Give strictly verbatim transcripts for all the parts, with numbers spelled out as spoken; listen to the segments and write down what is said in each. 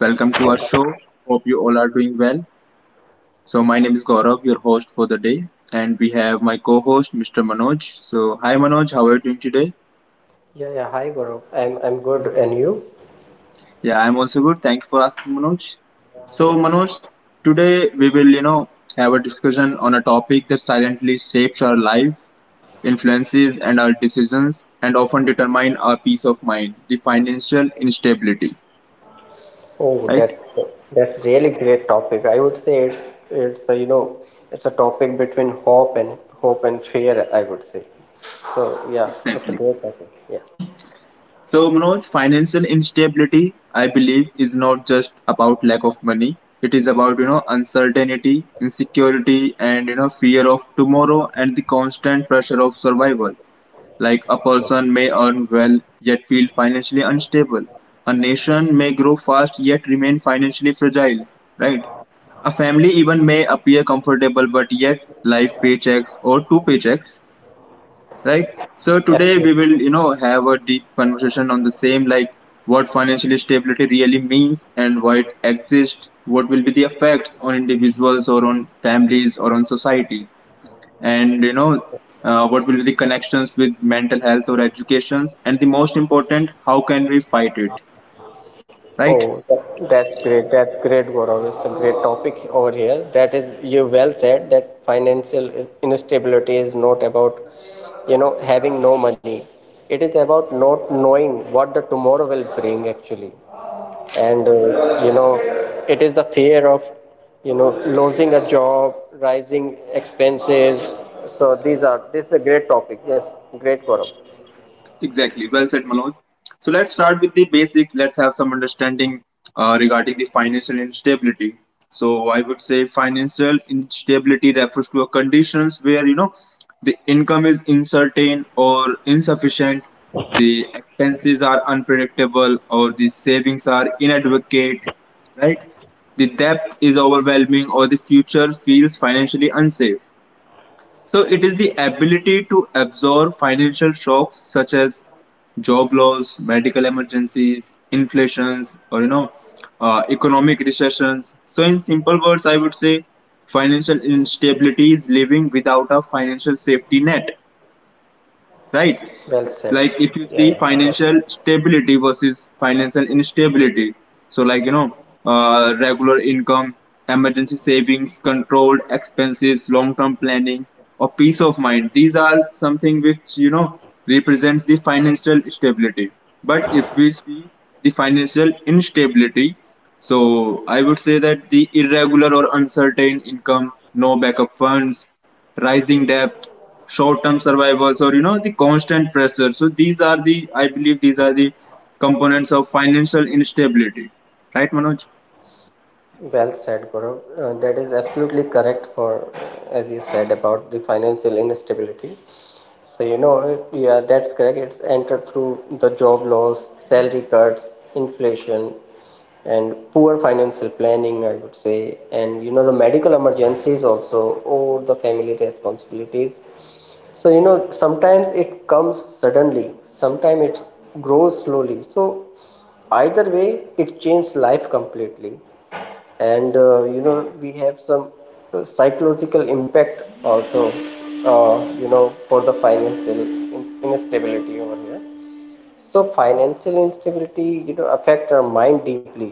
welcome to our show. Hope you all are doing well. So my name is Gaurav, your host for the day, and we have my co-host Mister Manoj. So hi Manoj, how are you doing today? Yeah, yeah. Hi, Gaurav. I'm I'm good, and you? Yeah, I'm also good. Thank you for asking, Manoj. So Yes. Manoj, today we will, you know, have a discussion on a topic that silently shapes our life, influences and our decisions, and often determine our peace of mind: the financial instability. Oh, Right? that that's really great topic. I would say it's it's a, you know it's a topic between hope and hope and fear, I would say. So yeah, it's a Exactly. great topic. Yeah, So, Manoj, financial instability, I believe, is not just about lack of money. It is about, you know, uncertainty, insecurity, and, you know, fear of tomorrow and the constant pressure of survival. Like a person may earn well yet feel financially unstable. A nation may grow fast yet remain financially fragile, right? A family even may appear comfortable but yet life paychecks or two paychecks right? So today we absolutely. will, you know, have a deep conversation on the same, like what financial stability really means and why it exists, what will be the effects on individuals or on families or on society, and you know, uh, what will be the connections with mental health or education, and the most important, how can we fight it, right? Oh, that, that's great. That's great, Gaurav, it's a great topic over here. That is, you well said that financial is- instability is not about, you know, having no money. It is about not knowing what the tomorrow will bring, actually. And uh, you know It is the fear of you know losing a job, rising expenses. So these are this is a great topic. Yes great Gaurav Exactly. Well said, Manoj. So let's start with the basics. Let's have some understanding uh, regarding the financial instability. So I would say financial instability refers to a conditions where you know the income is uncertain or insufficient, the expenses are unpredictable, or the savings are inadequate. Right? The debt is overwhelming, or the future feels financially unsafe. So it is the ability to absorb financial shocks such as job loss, medical emergencies, inflations, or you know, uh, economic recessions. So in simple words, I would say financial instability is living without a financial safety net right? Well said. Like if you yeah yeah see well said. financial stability versus financial instability. So like you know, uh, regular income, emergency savings, controlled expenses, long-term planning, or peace of mind. These are something which you know represents the financial stability. But if we see the financial instability, so I would say that the irregular or uncertain income, no backup funds, rising debt, short-term survivals, or you know the constant pressure. So these are the, I believe, these are the components of financial instability, right, Manoj? Well said, Gaurav. Uh, that is absolutely correct for, as you said, about the financial instability. So you know, it- yeah, that's correct. It's entered through the job loss, salary cuts, inflation, and poor financial planning, I would say. And you know, the medical emergencies also, or the family responsibilities. So you know sometimes it comes suddenly, sometimes it grows slowly, so either way it changes life completely. And uh, you know We have some uh, psychological impact also uh, you know for the financial instability over here. So financial instability, you know, affect our mind deeply.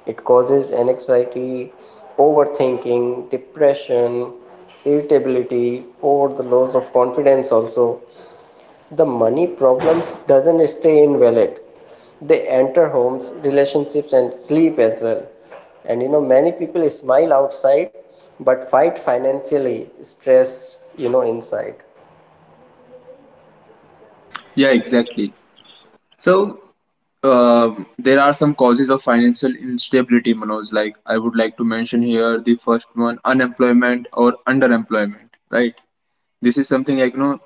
It causes anxiety, overthinking, depression, irritability, or the loss of confidence also. The money problems doesn't stay in wallet. They enter homes, relationships and sleep as well. And you know, many people smile outside but fight financially, stress, you know, inside. Yeah, exactly. So um there are some causes of financial instability, Manoj. Like I would like to mention here the first one, unemployment or underemployment, right? This is something like you know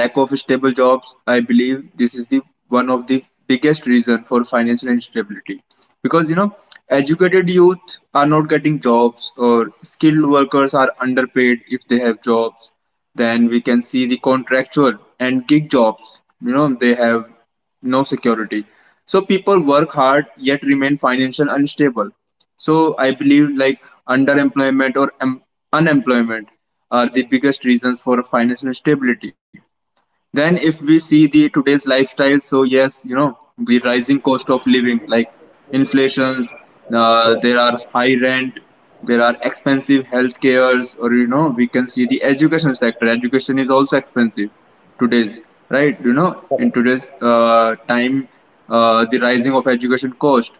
lack of stable jobs. I believe this is the one of the biggest reason for financial instability because you know educated youth are not getting jobs or skilled workers are underpaid if they have jobs. Then we can see the contractual and gig jobs. You know they have no security. So people work hard yet remain financially unstable. So I believe like underemployment or em- unemployment are the biggest reasons for financial instability. Then if we see the today's lifestyle, so yes, you know, the rising cost of living, like inflation, uh, Yeah. there are high rent, there are expensive health cares, or you know, we can see the education sector. Education is also expensive today's, right? You know, in today's uh, time, uh, the rising of education cost.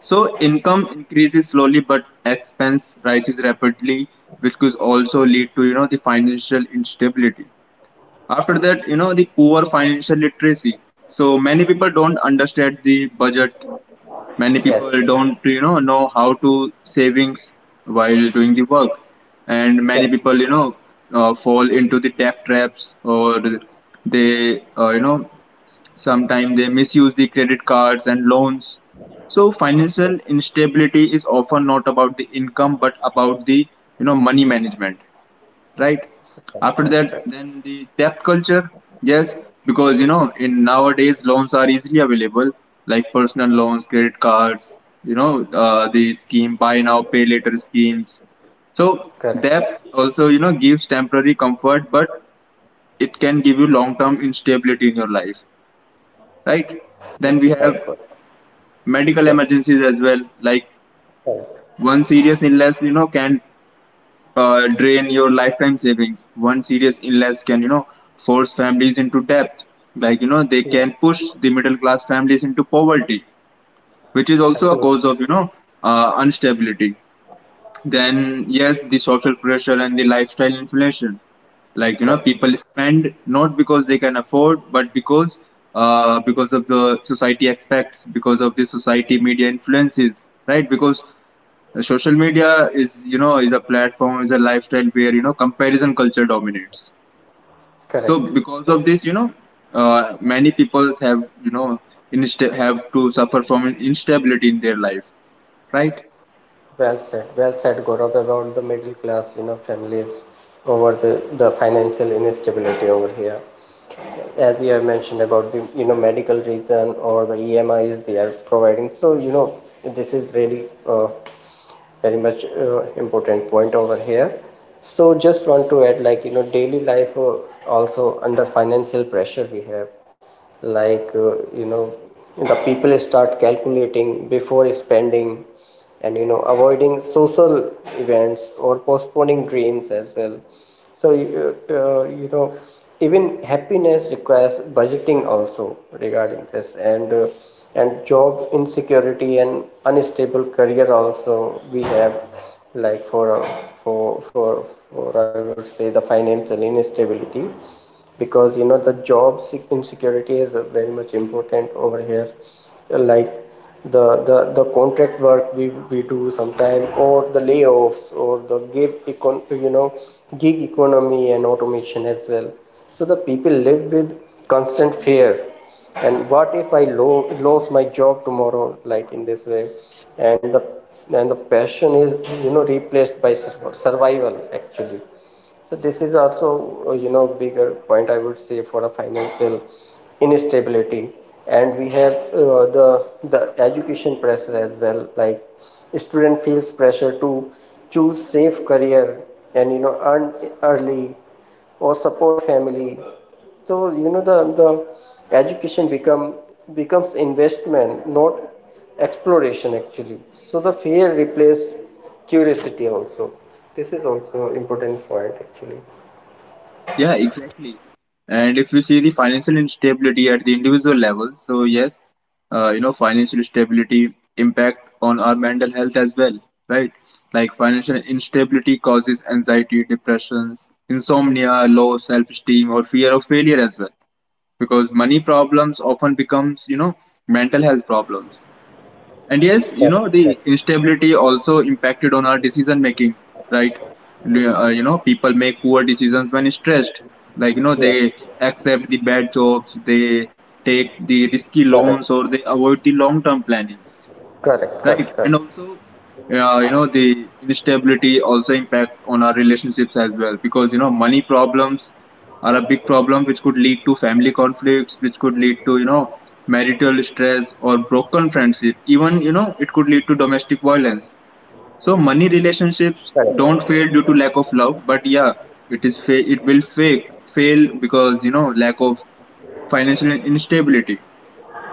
So income increases slowly, but expense rises rapidly, which could also lead to you know the financial instability. After that, you know, the poor financial literacy. So many people don't understand the budget. Many Yes. people don't, you know, know how to savings while doing the work, and many Correct. people, you know, uh, fall into the debt traps or they, uh, you know, sometimes they misuse the credit cards and loans. So financial instability is often not about the income but about the, you know, money management right? After Right. that, Right. then the debt culture, yes, because you know, in nowadays loans are easily available, like personal loans, credit cards, you know, uh, the scheme buy now, pay later schemes. So Correct. debt also, you know, gives temporary comfort, but it can give you long-term instability in your life, right? Then we have Right. Correct. medical Yes. emergencies as well. Like Correct. one serious illness, you know, can uh, drain your lifetime savings. One serious illness can, you know, force families into debt. Like, you know, they Yes. can push the middle class families into poverty, which is also a cause Absolutely. of, you know, uh, instability. Then, yes, the social pressure and the lifestyle inflation. Like, you know, Correct. people spend not because they can afford, but because uh, because of the society expects, because of the society media influences, right? Because social media is, you know, is a platform, is a lifestyle where, you know, comparison culture dominates. Correct. So because of this, you know, uh, many people have, you know, insta- have to suffer from instability in their life, right? Well said. Well said, Gaurav, about the middle class, you know, families over the, the financial instability over here. As you have mentioned about the, you know, medical reason or the E M's they are providing. So, you know, this is really uh, very much uh, important point over here. So just want to add like, you know, daily life uh, also under financial pressure we have, like, uh, you know the people start calculating before spending, and you know avoiding social events or postponing dreams as well. So you, uh, uh, you know even happiness requires budgeting also regarding this and uh, And job insecurity and unstable career also we have, like, for uh, for for for I would say, the financial instability. Because you know the job insecurity is uh, very much important over here, like the the the contract work we we do sometime, or the layoffs or the gig econ you know gig economy and automation as well. So the people live with constant fear, and what if i lo- lose my job tomorrow, like, in this way. and the and the passion is you know replaced by sur- survival, actually. So this is also, uh, you know, bigger point I would say for a financial instability. And we have uh, the the education pressure as well. Like, student feels pressure to choose safe career, and you know earn early, or support family. So you know the the education become becomes investment, not exploration, actually. So the fear replaces curiosity also. This is also important point actually. Yeah, exactly. And if we see the financial instability at the individual level, so yes, uh, you know, financial stability impact on our mental health as well, right? Like financial instability causes anxiety, depressions, insomnia, low self-esteem, or fear of failure as well, because money problems often becomes, you know, mental health problems. And yes, you know, the instability also impacted on our decision making, right? L- Uh, you know, people make poor decisions when stressed. Like, you know, Yes, they accept the bad jobs, they take the risky correct, loans, or they avoid the long term planning correct, right correct, and correct, also uh, you know the instability also impact on our relationships as well because you know money problems are a big problem which could lead to family conflicts which could lead to you know marital stress or broken friendship even you know it could lead to domestic violence so money relationships don't correct, fail due to lack of love but yeah it is fa- it will fake fail because you know lack of financial instability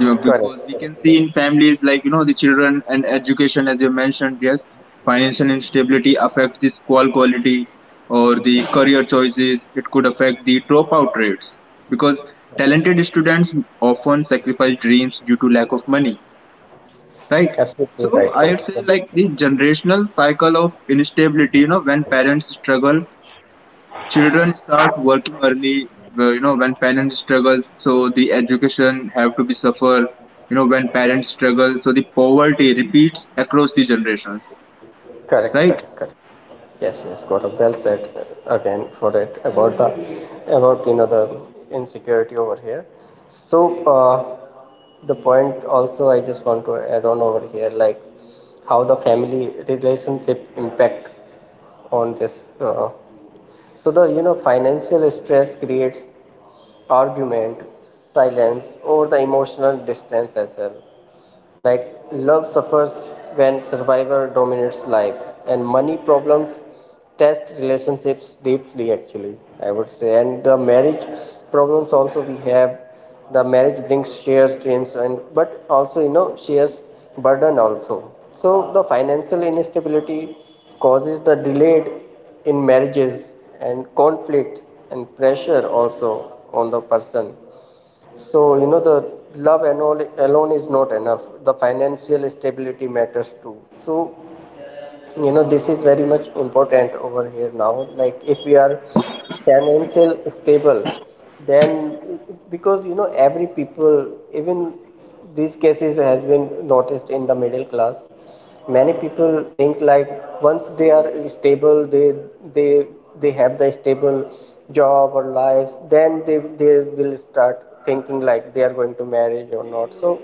yeah, correct. because we can see in families like you know the children and education, as you mentioned, yes, financial instability affects the school quality or the career choices. It could affect the dropout rates because talented students often sacrifice dreams due to lack of money, right? Absolutely right, So I correct, would say like the generational cycle of instability. You know, when parents struggle children start working early, wh- you know, when parents struggle, so the education have to be suffer, you know, when parents struggle, so the poverty repeats across the generations, correct, right? correct, correct. Yes, yes, got a Well said uh, again for it about the, about you know the insecurity over here. So uh, the point also I just want to add on over here, like, how the family relationship impact on this. Uh, so the you know financial stress creates argument, silence, or the emotional distance as well. Like, love suffers when survivor dominates life, and money problems test relationships deeply, actually, I would say. And the marriage problems also we have: the marriage brings shares dreams, and but also you know shares burden also. So the financial instability causes the delayed in marriages, and conflicts, and pressure also on the person. So, you know, the love and all alone is not enough. The financial stability matters too. So, you know, this is very much important over here now. Like, if we are financial stable, then, because you know, every people, even these cases has been noticed in the middle class, many people think like once they are stable, they they they have the stable job or lives, then they they will start thinking like they are going to marriage or not. So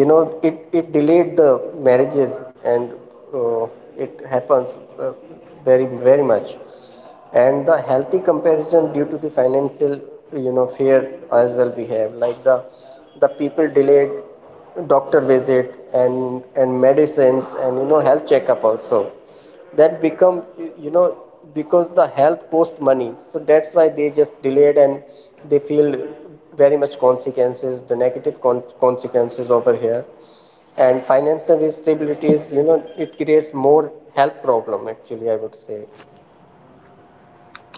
you know it it delayed the marriages. And uh, it happens uh, very very much. And the healthy comparison due to the financial you know fear as well we have, like, the the people delayed doctor visit, and and medicines, and you know health checkup also, that become you know because the health cost money, so that's why they just delayed, and they feel very much consequences, the negative con- consequences over here. And financial instability is you know it creates more health problem, actually, I would say.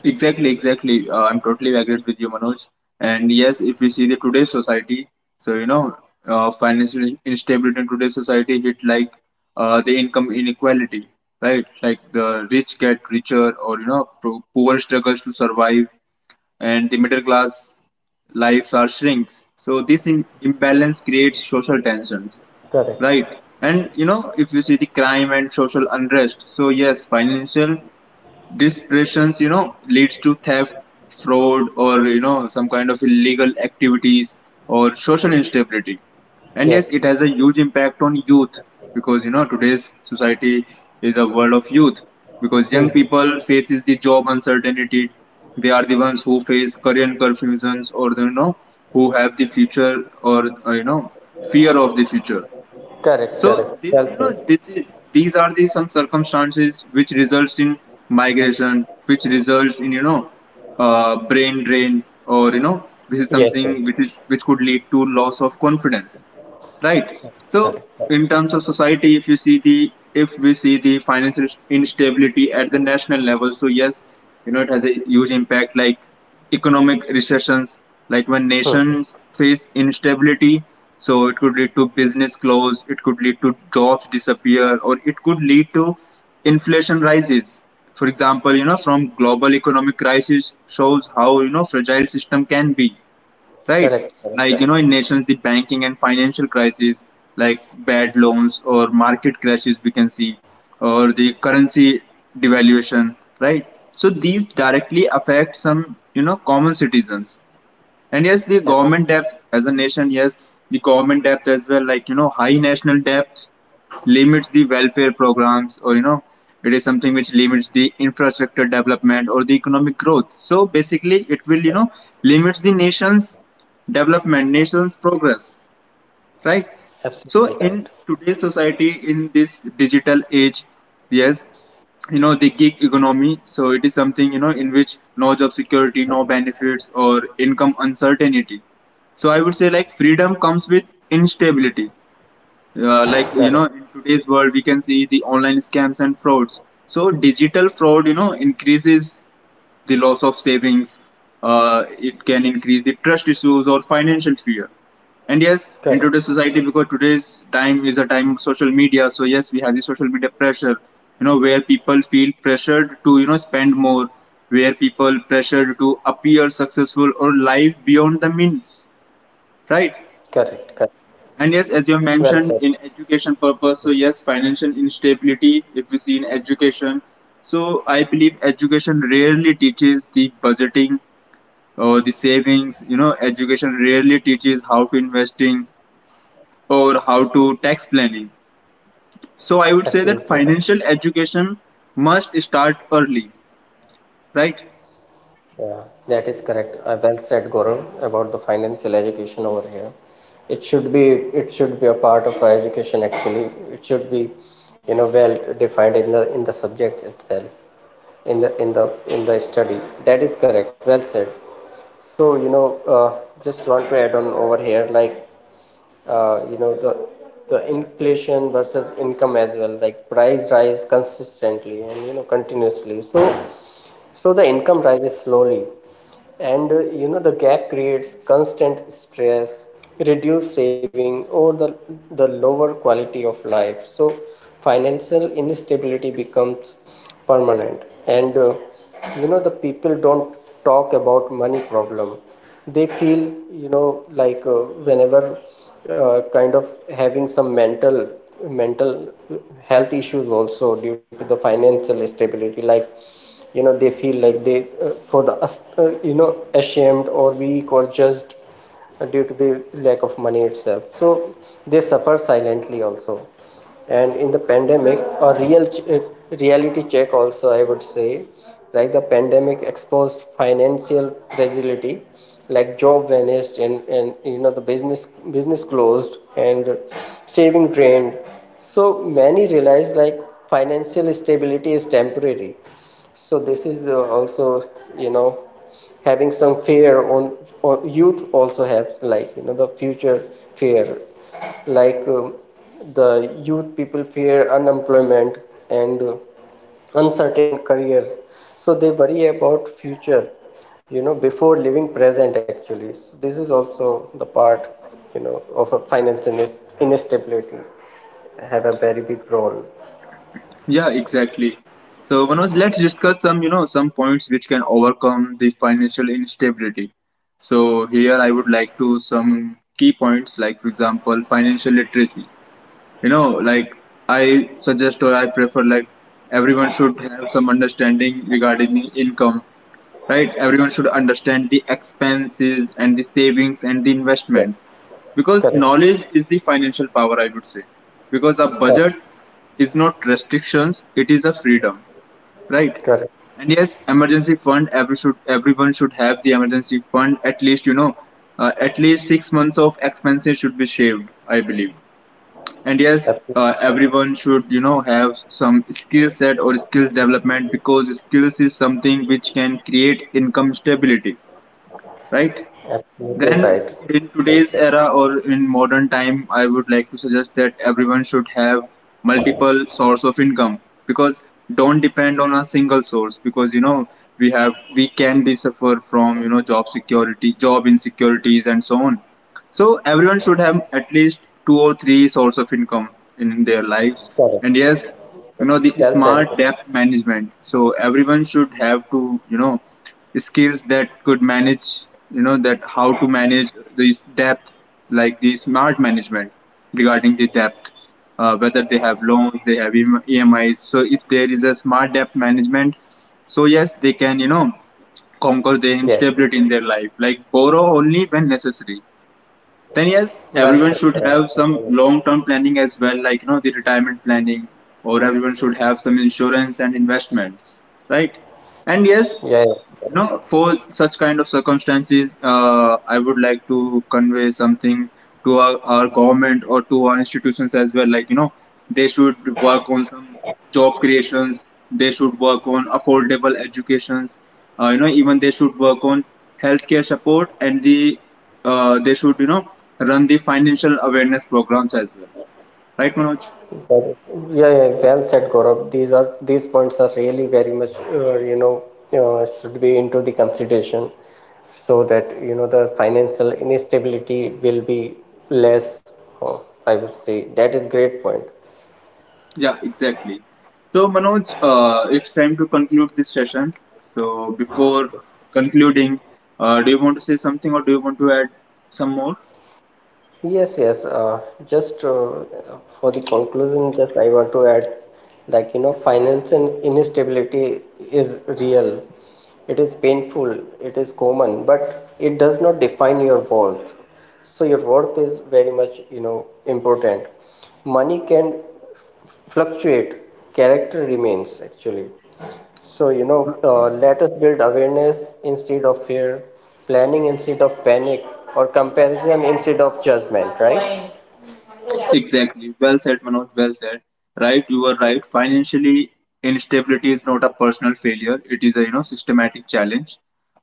Exactly, exactly. Uh, I'm totally agreed with you, Manoj. And yes, if we see the today's society, so you know, uh, financial instability in today's society hit like uh, the income inequality, right? Like the rich get richer, or you know, pro- poor struggles to survive and the middle class lives are shrinks. So this im- imbalance creates social tensions, Correct. right? And you know, if you see the crime and social unrest, so yes, financial dispersions, you know, leads to theft, fraud, or you know, some kind of illegal activities or social instability. And Yes. yes, it has a huge impact on youth because you know today's society is a world of youth because young Mm-hmm. people faces the job uncertainty. They are the ones who face career confusions or you know who have the future or uh, you know fear of the future. Correct, So correct. this, Well you know, said. th- th- these are the some circumstances which results in migration, which results in you know, uh, brain drain, or you know, this is Yes, something yes. which is which could lead to loss of confidence. Right. So, Correct, correct. in terms of society, if you see the if we see the financial instability at the national level, so yes, you know it has a huge impact. Like economic recessions, like when Mm-hmm. nations face instability, so it could lead to business close, it could lead to jobs disappear, or it could lead to inflation rises. For example, you know from global economic crisis shows how you know fragile system can be right? Correct, correct, Like, you correct. know, in nations, the banking and financial crisis, like bad loans or market crashes, we can see, or the currency devaluation, right? So these directly affect some, you know, common citizens. And yes, the Ab- government debt as a nation, yes, the government debt as well, like, you know, high national debt limits the welfare programs or, you know, it is something which limits the infrastructure development or the economic growth. So basically, it will, you know, limits the nation's development, nation's progress right so Absolutely right. in today's society in this digital age yes you know the gig economy so it is something you know in which no job security no benefits or income uncertainty so I would say like freedom comes with instability uh, like you Correct, know in today's world we can see the online scams and frauds so digital fraud you know increases the loss of savings. Uh, it can increase the trust issues or financial fear. And yes, in correct, today's society, because today's time is a time of social media, so yes, we have the social media pressure, you know, where people feel pressured to, you know, spend more, where people pressured to appear successful or live beyond the means, right? correct, correct. And yes, as you Well have said. mentioned, in education purpose, so yes, financial instability, if we see in education, so I believe education rarely teaches the budgeting or the savings you know education rarely teaches how to investing or how to tax planning, so I would Absolutely say right. that financial education must start early, right? Yeah, that is correct. Uh, well said, Gaurav, about the financial education over here. It should be it should be a part of our education, actually. It should be, you know, well defined in the in the subject itself, in the in the in the study. That is correct. Well said. So, you know, uh, just want to add on over here, like, uh, you know, the the inflation versus income as well. Like, price rise consistently and you know continuously. So so the income rises slowly, and uh, you know the gap creates constant stress, reduced saving, or the the lower quality of life. So financial instability becomes permanent. And uh, you know the people don't talk about money problem. They feel you know like uh, whenever uh, kind of having some mental mental health issues also due to the financial stability. Like, you know they feel like they uh, for the uh, you know ashamed or weak, or just due to the lack of money itself. So they suffer silently also. And in the pandemic, a real ch- uh, reality check also, I would say. Like, the pandemic exposed financial fragility, like job vanished, and and you know the business business closed, and saving drained. So many realized, like, financial stability is temporary. So this is uh, also, you know, having some fear on, on youth also have, like, you know, the future fear. Like um, the youth people fear unemployment and uh, uncertain career. So they worry about future, you know, before living present, actually. So this is also the part, you know, of a finance inis- instability, have a very big role. Yeah, exactly. So, Manoj, let's discuss some you know some points which can overcome the financial instability. So here I would like to some key points, like for example financial literacy you know like I suggest or I prefer, like, everyone should have some understanding regarding the income, right? Everyone should understand the expenses and the savings and the Yes, investments, because correct, knowledge is the financial power, I would say. Because a correct, budget is not restrictions, it is a freedom, right? correct. And yes, emergency fund. Every should everyone should have the emergency fund at least. You know, uh, at least six months of expenses should be shaved, I believe. And yes, Absolutely uh, right. everyone should, you know, have some skill set or skills development, because skills is something which can create income stability, right? Absolutely Then right. in Well today's said. era or in modern time, I would like to suggest that everyone should have multiple source of income, because don't depend on a single source, because you know we have we can be suffer from you know job security job insecurities and so on. So everyone should have at least two or three source of income in their lives. Correct. And yes, you know the Well said, smart Guru. debt management. So everyone should have to you know skills that could manage you know that how to manage this debt, like the smart management regarding the debt. Uh, whether they have loans, they have E M emis, so if there is a smart debt management, so yes they can you know conquer the Yes. instability in their life, like borrow only when necessary. Then yes, Well said, everyone should Gaurav. have I some agree with long term planning as well, like you know the retirement planning, or everyone should have some insurance and investment, right? And yes, you. Yeah, yeah. you know, for such kind of circumstances, uh, I would like to convey something to our, our government or to our institutions as well. Like, you know, they should work on some job creations, they should work on affordable educations, uh, you know, even they should work on healthcare support and the uh, they should, you know, run the financial awareness programs as well. Right, Manoj? That- yeah, yeah. Well said, Gaurav. These are these points are really very much, uh, you know, uh, should be into the consideration, so that you know the financial instability will be less. uh, I would say that is great point. Yeah, exactly. So, Manoj, uh, it's time to conclude this session. So, before concluding, uh, do you want to say something or do you want to add some more? Yes, yes. Uh, just uh, for the conclusion, just I want to add, like, you know, financial instability is real. It is painful, it is common, but it does not define your worth. So your worth is very much, you know, important. Money can fluctuate, character remains, actually. So you know uh, let us build awareness instead of fear, planning instead of panic, or comparison instead of judgment, right? Exactly. Well said, Manoj. Well said. Right, you were right. Financially, instability is not a personal failure. It is a you know systematic challenge.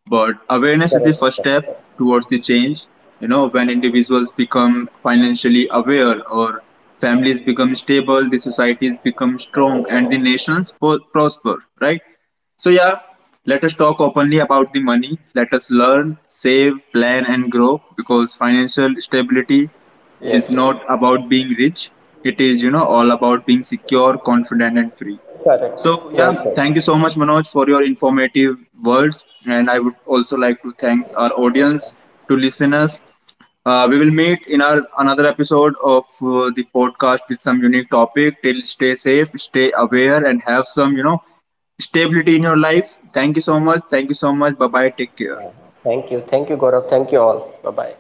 But awareness is the first step towards the change. You know, when individuals become financially aware or families become stable, the societies become strong and the nations po- prosper, right? So, yeah, let us talk openly about the money. Let us learn, save, plan, and grow, because financial stability is Yes, yes. not about being rich. It is, you know, all about being secure, confident, and free. Correct. So, yeah, Well said. thank you so much, Manoj, for your informative words. And I would also like to thank our audience, to listeners, uh, we will meet in our another episode of uh, the podcast with some unique topic. Till stay safe, stay aware, and have some you know stability in your life. Thank you so much. Thank you so much. Bye bye. Take care. Thank you, thank you, Gaurav, thank you all, bye bye.